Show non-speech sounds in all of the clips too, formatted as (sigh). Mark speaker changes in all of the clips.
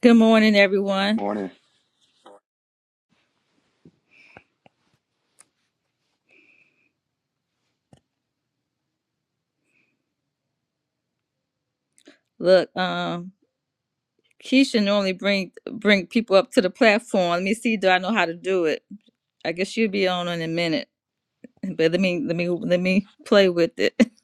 Speaker 1: Good morning, everyone.
Speaker 2: Morning.
Speaker 1: Look, um, Keisha normally bring bring people up to the platform. Let me see, do I know how to do it? I guess she'll be on in a minute, but let me let me let me play with it. (laughs)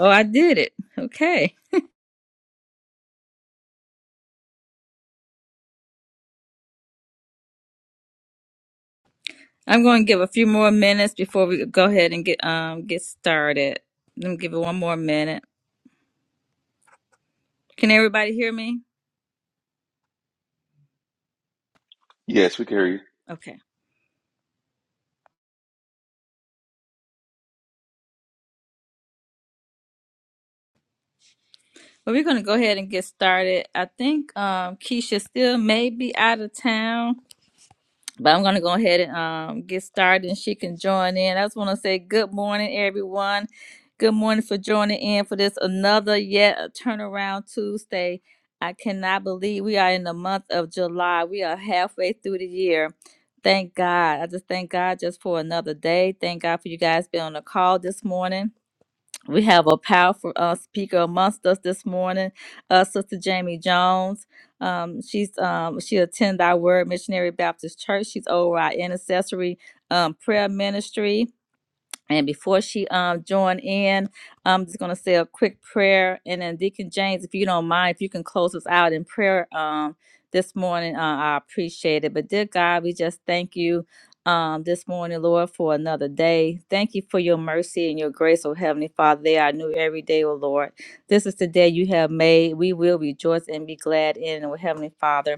Speaker 1: Oh, I did it. Okay, I'm going to give a few more minutes before we go ahead and get um get started. Let me give it one more minute. Can everybody hear me?
Speaker 2: Yes, we can hear you.
Speaker 1: Okay. Well, we're going to go ahead and get started. I think um, Keisha still may be out of town, but I'm going to go ahead and um, get started and she can join in. I just want to say good morning, everyone. Good morning for joining in for this another yet a turnaround Tuesday. I cannot believe we are in the month of July. We are halfway through the year. Thank God. I just thank God just for another day. Thank God for you guys being on the call this morning. We have a powerful uh, speaker amongst us this morning, uh, Sister Jamie Jones. Um, she's um, she attend our Word Missionary Baptist Church. She's over our intercessory um, prayer ministry. And before she um join in, I'm just gonna say a quick prayer, and then Deacon James, if you don't mind, if you can close us out in prayer um this morning, uh, I appreciate it. But dear God, we just thank you um this morning, Lord, for another day. Thank you for your mercy and your grace, oh Heavenly Father. They are new every day, oh Lord. This is the day you have made. We will rejoice and be glad in, it, oh Heavenly Father.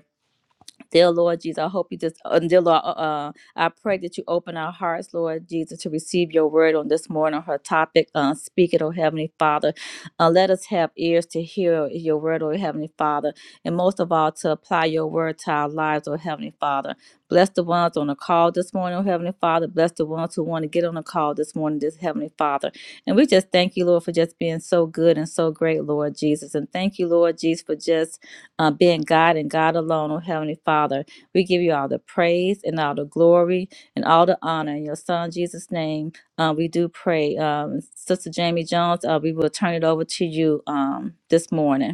Speaker 1: Dear Lord Jesus, I hope you just, uh, dear Lord, uh, uh, I pray that you open our hearts, Lord Jesus, to receive your word on this morning, her topic. Uh, speak it, oh Heavenly Father. Uh, let us have ears to hear your word, oh Heavenly Father, and most of all, to apply your word to our lives, oh Heavenly Father. Bless the ones on the call this morning, oh Heavenly Father. Bless the ones who want to get on the call this morning, this Heavenly Father. And we just thank you, Lord, for just being so good and so great, Lord Jesus. And thank you, Lord Jesus, for just uh, being God and God alone, oh Heavenly Father. We give you all the praise and all the glory and all the honor. In your Son, Jesus' name, uh, we do pray. Um, Sister Jamie Jones, uh, we will turn it over to you um, this morning.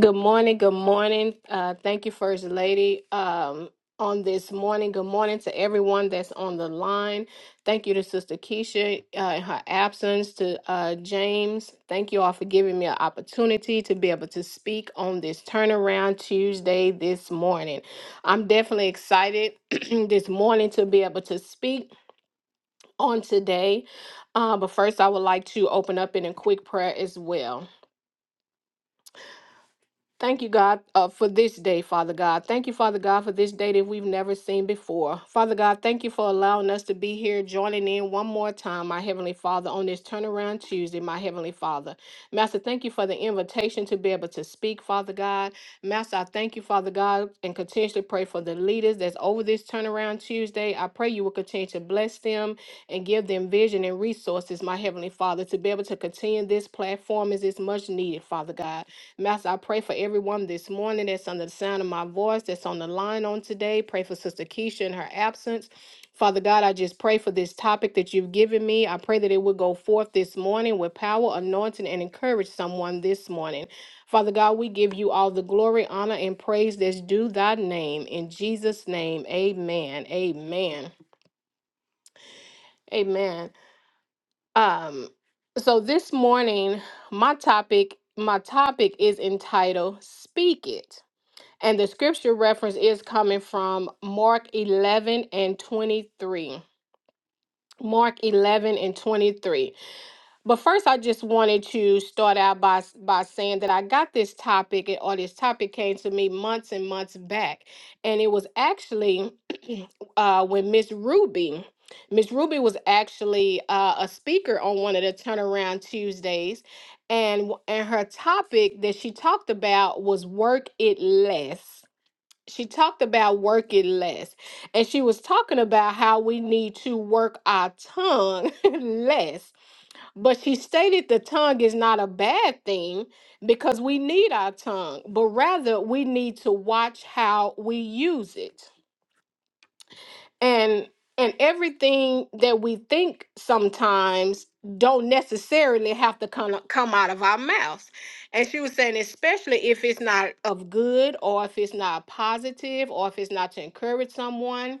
Speaker 3: Good morning. Good morning. Uh, thank you, First Lady. Um, on this morning, good morning to everyone that's on the line. Thank you to Sister Keisha uh, in her absence, to uh, James. Thank you all for giving me an opportunity to be able to speak on this turnaround Tuesday this morning. I'm definitely excited (clears throat) this morning to be able to speak on today. Uh, but first, I would like to open up in a quick prayer as well. Thank you, God, uh, for this day, Father God. Thank you, Father God, for this day that we've never seen before. Father God, thank you for allowing us to be here, joining in one more time, my Heavenly Father, on this turnaround Tuesday, my Heavenly Father. Master, thank you for the invitation to be able to speak, Father God. Master, I thank you, Father God, and continuously pray for the leaders that's over this turnaround Tuesday. I pray you will continue to bless them and give them vision and resources, my Heavenly Father, to be able to continue this platform as it's much needed, Father God. Master, I pray for everyone this morning that's under the sound of my voice, that's on the line on today. Pray for Sister Keisha in her absence. Father God, I just pray for this topic that you've given me. I pray that it will go forth this morning with power, anointing, and encourage someone this morning. Father God, we give you all the glory, honor, and praise that's due thy name. In Jesus' name, amen. Amen. Amen. Um, so this morning, my topic, my topic is entitled Speak It. And the scripture reference is coming from Mark 11 and 23. Mark 11 and 23. But first, I just wanted to start out by, by saying that I got this topic, or this topic came to me months and months back. And it was actually (clears throat) uh, when Miss Ruby, Miss Ruby was actually uh, a speaker on one of the Turnaround Tuesdays. And, w- and her topic that she talked about was work it less she talked about working less and she was talking about how we need to work our tongue (laughs) less but she stated the tongue is not a bad thing because we need our tongue but rather we need to watch how we use it and and everything that we think sometimes don't necessarily have to come come out of our mouths and she was saying especially if it's not of good or if it's not positive or if it's not to encourage someone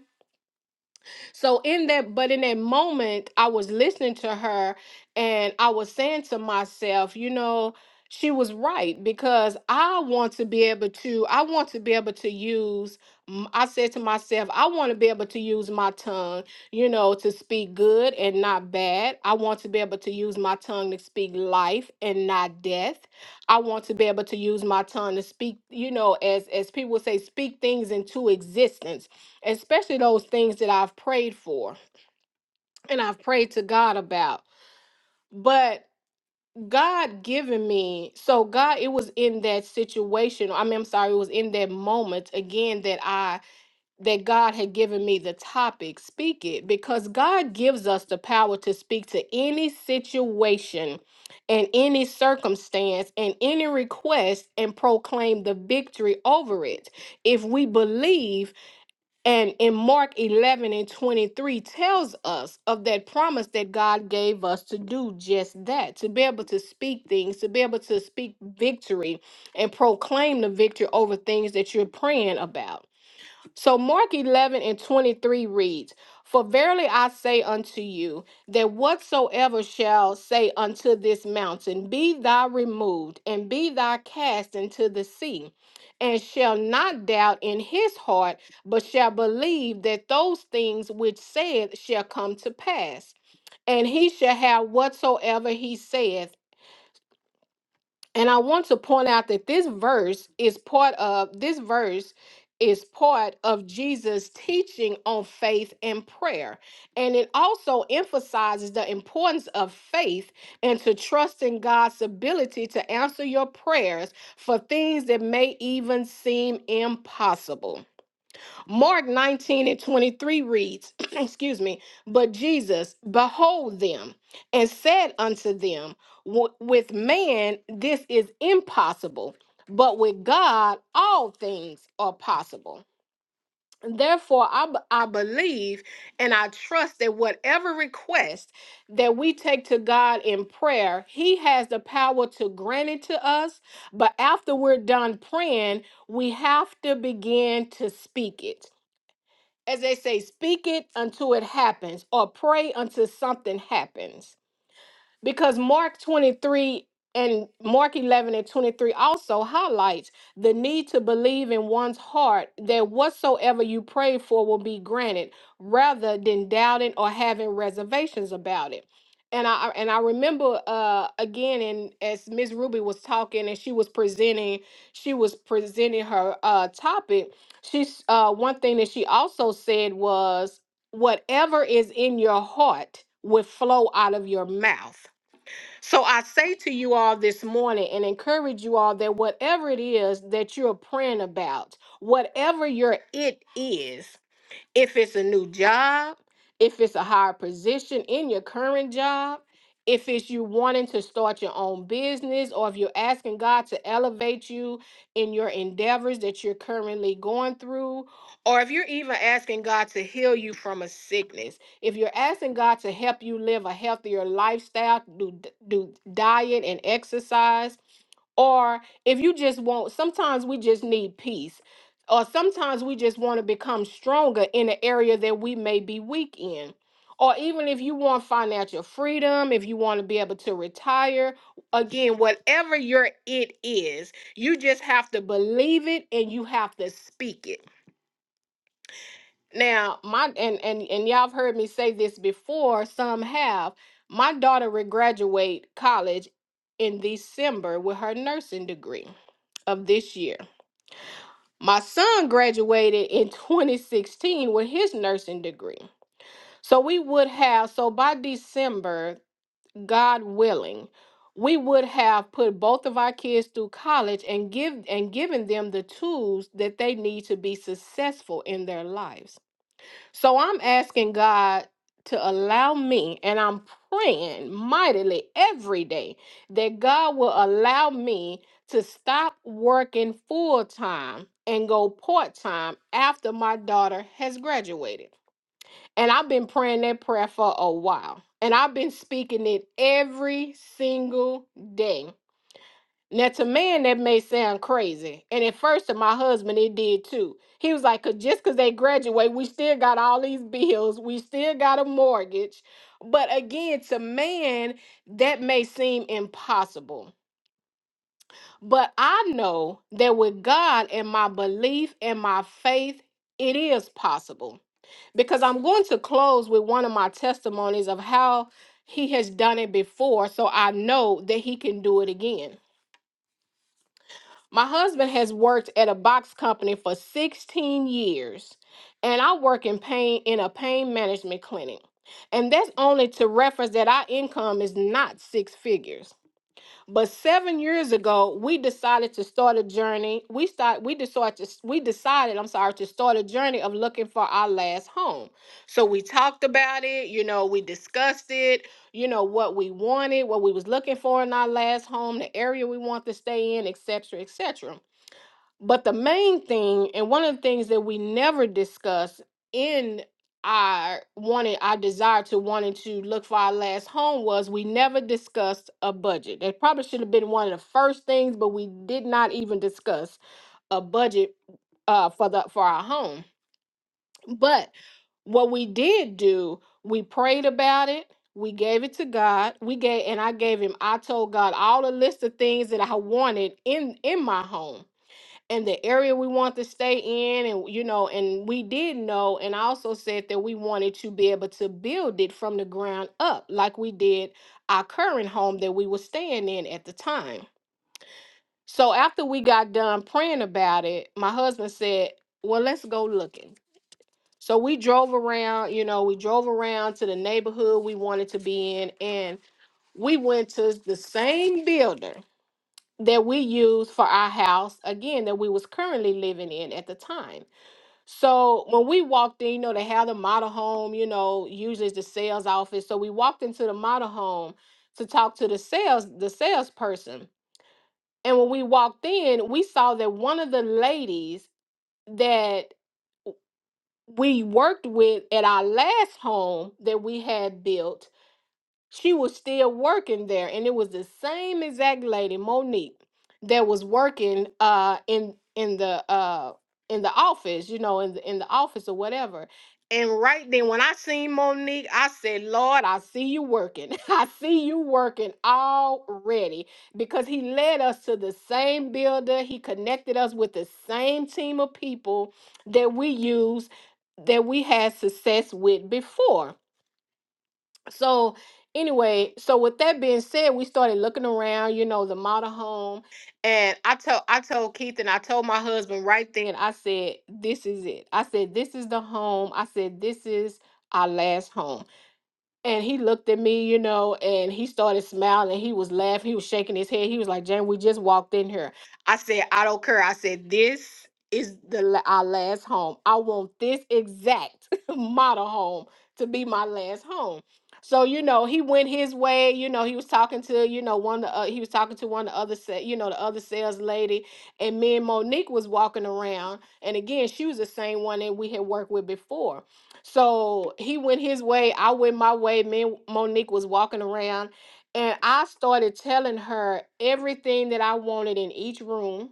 Speaker 3: so in that, but in that moment, I was listening to her and I was saying to myself, you know, she was right because I want to be able to, I want to be able to use, m- I said to myself, I want to be able to use my tongue, you know, to speak good and not bad. I want to be able to use my tongue to speak life and not death. I want to be able to use my tongue to speak, you know, as as people say, speak things into existence especially those things that I've prayed for and I've prayed to God about. But God given me, so God, it was in that situation. I mean, I'm sorry, it was in that moment again that I that God had given me the topic, speak it, because God gives us the power to speak to any situation and any circumstance and any request and proclaim the victory over it if we believe and in Mark 11 and 23 tells us of that promise that God gave us to do just that, to be able to speak things, to be able to speak victory and proclaim the victory over things that you're praying about. So Mark 11 and 23 reads, For verily I say unto you, that whatsoever shall say unto this mountain, Be thou removed, and be thou cast into the sea, and shall not doubt in his heart, but shall believe that those things which saith shall come to pass, and he shall have whatsoever he saith. And I want to point out that this verse is part of this verse is part of Jesus teaching on faith and prayer. And it also emphasizes the importance of faith and to trust in God's ability to answer your prayers for things that may even seem impossible. Mark 19 and 23 reads, (clears throat) excuse me, but Jesus, behold them, and said unto them, "Wi- With man this is impossible, but with God all things are possible. Therefore, I, b- I believe and I trust that whatever request that we take to God in prayer, He has the power to grant it to us. But after we're done praying, we have to begin to speak it as they say, speak it until it happens or pray until something happens because Mark 23 and Mark 11 and 23 also highlights the need to believe in one's heart that whatsoever you pray for will be granted rather than doubting or having reservations about it. And I and I remember uh again and as Miss Ruby was talking and she was presenting she was presenting her uh topic she's uh one thing that she also said was whatever is in your heart will flow out of your mouth so I say to you all this morning and encourage you all that whatever it is that you're praying about, whatever your it is, if it's a new job, if it's a higher position in your current job, if it's you wanting to start your own business, or if you're asking God to elevate you in your endeavors that you're currently going through, or if you're even asking God to heal you from a sickness, if you're asking God to help you live a healthier lifestyle, do, do diet and exercise, or if you just want sometimes we just need peace or sometimes we just want to become stronger in the area that we may be weak in or even if you want financial freedom if you want to be able to retire again whatever your it is you just have to believe it and you have to speak it now my and and, and y'all have heard me say this before some have my daughter will graduate college in december with her nursing degree of this year. My son graduated in (laughs) 2016 with his nursing degree. So we would have, so by December, God willing, we would have put both of our kids through college and give and given them the tools that they need to be successful in their lives. So I'm asking God to allow me, and I'm praying mightily every day that God will allow me to stop working full time and go part time after my daughter has graduated. And I've been praying that prayer for a while, and I've been speaking it every single day. Now, to man, that may sound crazy. And at first, to my husband, it did too. He was like, 'Cause just because they graduate, we still got all these bills, we still got a mortgage. But again, to man, that may seem impossible. But I know that with God and my belief and my faith, it is possible. Because I'm going to close with one of my testimonies of how he has done it before. So I know that he can do it again. My husband has worked at a box company for 16 years, and I work in pain in a pain management clinic. And that's only to reference that our income is not six figures. But seven years ago, we decided to start a journey. We start we decided to, we decided, I'm sorry, to start a journey of looking for our last home. So we talked about it, you know, we discussed it, you know what we wanted what we was looking for in our last home the area we want to stay in et cetera, et cetera. But the main thing, and one of the things that we never discuss in our wanting our desire to wanting to look for our last home was we never discussed a budget. That probably should have been one of the first things, but we did not even discuss a budget uh, for the for our home. But what we did do, we prayed about it. We gave it to God. We gave, and I gave him. I told God all the list of things that I wanted in in my home and the area we want to stay in and you know and we did know and I also said that we wanted to be able to build it from the ground up like we did our current home that we were staying in at the time so after we got done praying about it my husband said well let's go looking so we drove around you know we drove around to the neighborhood we wanted to be in and we went to the same builder that we used for our house again that we was currently living in at the time so when we walked in, you know, they have the model home, you know, usually it's the sales office. So we walked into the model home to talk to the sales, the salesperson. And when we walked in, we saw that one of the ladies that we worked with at our last home that we had built she was still working there, and it was the same exact lady, Monique, that was working uh in in the uh in the office, you know, in the, in the office or whatever. And right then, when I seen Monique, I said, "Lord, I see you working. (laughs) I see you working already." Because he led us to the same builder. He connected us with the same team of people that we used, that we had success with before so anyway so with that being said we started looking around you know the model home and i told i told keith and i told my husband right then i said this is it i said this is the home i said this is our last home and he looked at me, you know, and he started smiling. He was laughing. He was shaking his head. He was like, Jane, we just walked in here. I said, I don't care. I said, this is the la- our last home. I want this exact (laughs) model home to be my last home. So, you know, he went his way. You know, he was talking to, you know, one of the, uh, he was talking to one of the other, sa- you know, the other sales lady. And me and Monique was walking around. And again, she was the same one that we had worked with before. So he went his way, I went my way. Me and Monique was walking around, and I started telling her everything that I wanted in each room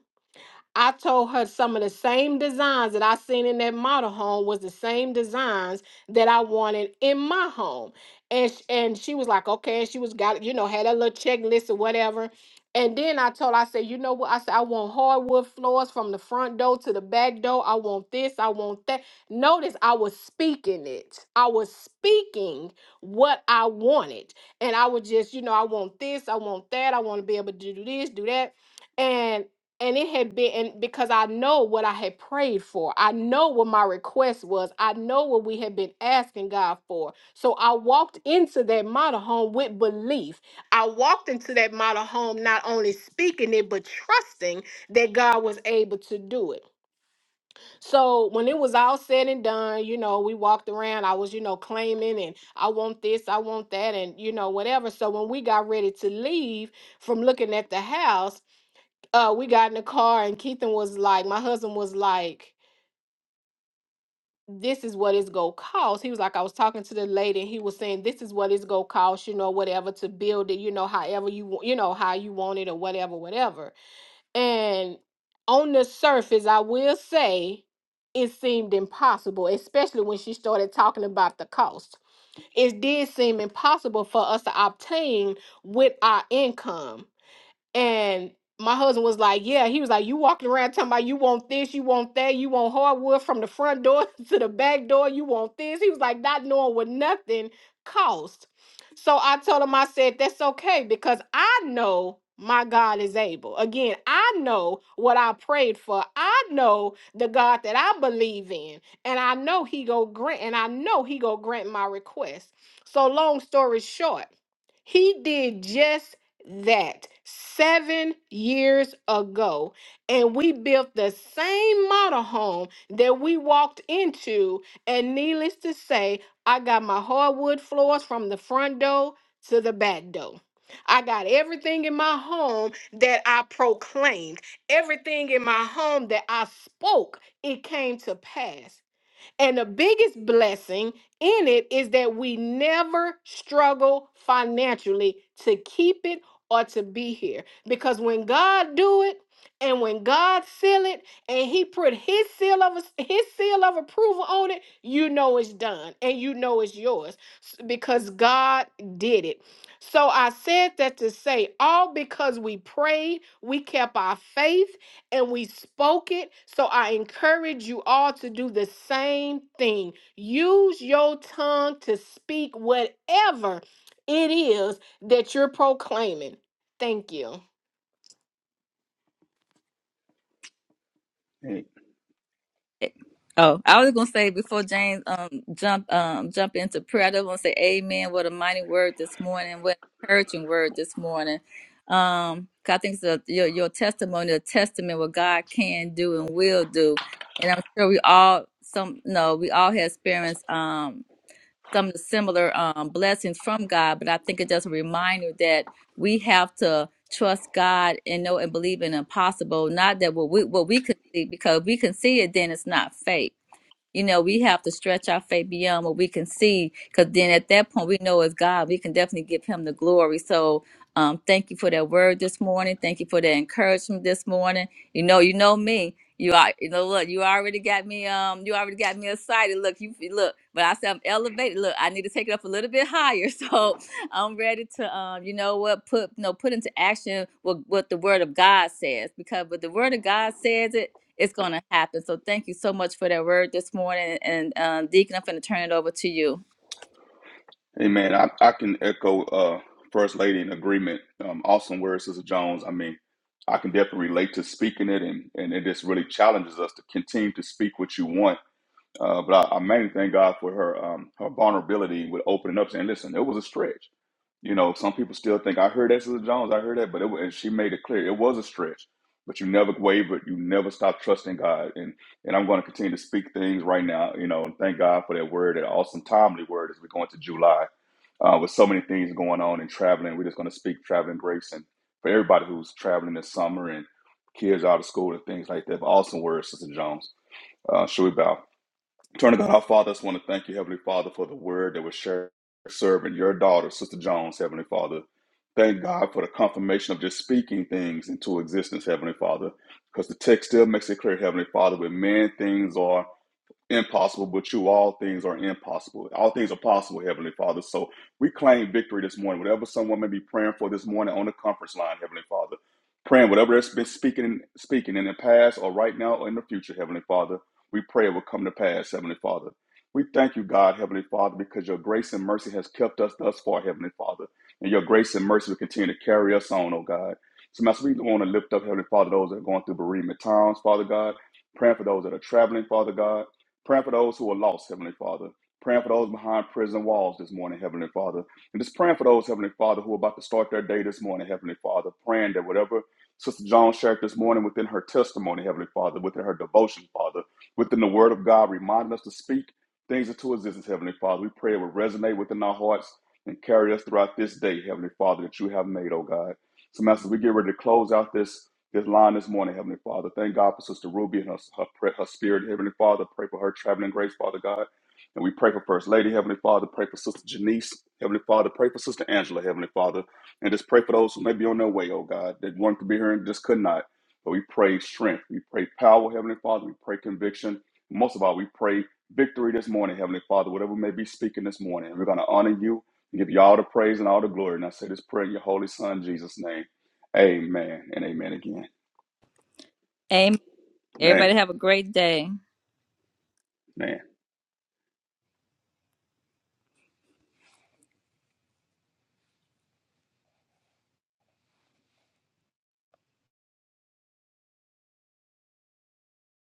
Speaker 3: I told her some of the same designs that I seen in that model home was the same designs that I wanted in my home. And sh- and she was like, okay. And she was got, you know, had a little checklist or whatever. And then I told her, I said, you know what? I said, I want hardwood floors from the front door to the back door. I want this. I want that. Notice I was speaking it. I was speaking what I wanted. And I would just, you know, I want this. I want that. I want to be able to do this, do that. And and it had been and because I know what I had prayed for. I know what my request was. I know what we had been asking God for. So I walked into that model home with belief. I walked into that model home not only speaking it but trusting that God was able to do it. So when it was all said and done, you know, we walked around. I was, you know, claiming and I want this, I want that and you know whatever. So when we got ready to leave from looking at the house, uh, we got in the car and Keithan was like, my husband was like, this is what it's gonna cost. He was like, I was talking to the lady and he was saying, this is what it's gonna cost, you know, whatever to build it, you know, however you want, you know, how you want it or whatever, whatever. And on the surface, I will say it seemed impossible, especially when she started talking about the cost. It did seem impossible for us to obtain with our income and my husband was like, Yeah, he was like, You walking around talking about you want this, you want that, you want hardwood from the front door (laughs) to the back door, you want this. He was like, Not knowing what nothing cost. So I told him, I said, That's okay because I know my God is able. Again, I know what I prayed for. I know the God that I believe in. And I know he go grant and I know he go grant my request. So long story short. He did just that seven years ago. And we built the same model home that we walked into. And needless to say, I got my hardwood floors from the front door to the back door. I got everything in my home that I proclaimed, everything in my home that I spoke, it came to pass. And the biggest blessing in it is that we never struggle financially to keep it or to be here. Because when God do it and when God seal it and he put his seal of his seal of approval on it, you know it's done and you know it's yours s- because God did it. So I said that to say all because we prayed, we kept our faith, and we spoke it. So I encourage you all to do the same thing. Use your tongue to speak whatever it is that you're proclaiming. Thank you.
Speaker 2: Hey,
Speaker 1: Oh, I was gonna say before James um jump um jump into prayer, I just want to say Amen. What a mighty word this morning. What an encouraging word this morning. Um, 'cause I think it's a, your your testimony, a testament what God can do and will do. And I'm sure we all some no, we all have experienced. um some similar um, blessings from God, but I think it's just a reminder that we have to trust God and know and believe in the impossible, not that what we what we can see, because if we can see it, then it's not faith you know, we have to stretch our faith beyond what we can see, because then at that point, we know as God, we can definitely give Him the glory. So, um, thank you for that word this morning. Thank you for that encouragement this morning. You know, you know me. You are, you know, look, you already got me. Um, you already got me excited. Look, you look, but I said I'm elevated. Look, I need to take it up a little bit higher. (laughs) So I'm ready to, um, you know what, put, you know, put into action what what the Word of God says, because what the Word of God says it it's going to happen. So thank you so much for that word this morning. And uh, Deacon, I'm going to turn it over to you.
Speaker 2: hey man, I, I can echo uh First Lady in agreement. Um awesome word, Sister Jones. I mean, I can definitely relate to speaking it and and it just really challenges us to continue to speak what you want Uh, but I, I mainly thank God for her um, her vulnerability with opening up, saying, "Listen, it was a stretch." You know, some people still think I heard that, Sister Jones. I heard that, but it wa- and she made it clear it was a stretch. But you never wavered. You never stopped trusting God, and and I'm going to continue to speak things right now. You know, and thank God for that word, that awesome timely word as we go into July uh, with so many things going on and traveling. We're just going to speak traveling grace and for everybody who's traveling this summer and kids out of school and things like that. But awesome word, Sister Jones. Uh, should we bow? Turning God, our Father, I just want to thank you, Heavenly Father, for the word that was shared, serving your daughter, Sister Jones, Heavenly Father. Thank God for the confirmation of just speaking things into existence, Heavenly Father, because the text still makes it clear, Heavenly Father, where men things are impossible, but you all things are impossible. All things are possible, Heavenly Father. So we claim victory this morning. Whatever someone may be praying for this morning on the conference line, Heavenly Father, praying whatever that's been speaking speaking in the past or right now or in the future, Heavenly Father, we pray it will come to pass, Heavenly Father. We thank you, God, Heavenly Father, because your grace and mercy has kept us thus far, Heavenly Father. And your grace and mercy will continue to carry us on, oh God. So, Master, we want to lift up, Heavenly Father, those that are going through bereavement times, Father God, praying for those that are traveling, Father God Praying for those who are lost, Heavenly Father. Praying for those behind prison walls this morning, Heavenly Father. And just praying for those, Heavenly Father, who are about to start their day this morning, Heavenly Father. Praying that whatever Sister Jones shared this morning within her testimony, Heavenly Father, within her devotion, Father, within the Word of God, reminding us to speak things into existence, Heavenly Father. We pray it will resonate within our hearts and carry us throughout this day, Heavenly Father, that you have made, oh God. So, Master, we get ready to close out this this line this morning, Heavenly Father. Thank God for Sister Ruby and her, her, pray- her spirit, Heavenly Father. Pray for her traveling grace, Father God. And we pray for First Lady, Heavenly Father. Pray for Sister Janice, Heavenly Father. Pray for Sister Angela, Heavenly Father. And just pray for those who may be on their way, oh God, that wanted to be here and just could not. But we pray strength. We pray power, Heavenly Father. We pray conviction. Most of all, we pray victory this morning, Heavenly Father, whatever we may be speaking this morning. And We're going to honor you and give you all the praise and all the glory. And I say this prayer in your holy Son, Jesus' name. Amen and amen again.
Speaker 1: Amen.
Speaker 2: Man,
Speaker 1: Everybody have a great day.
Speaker 2: man.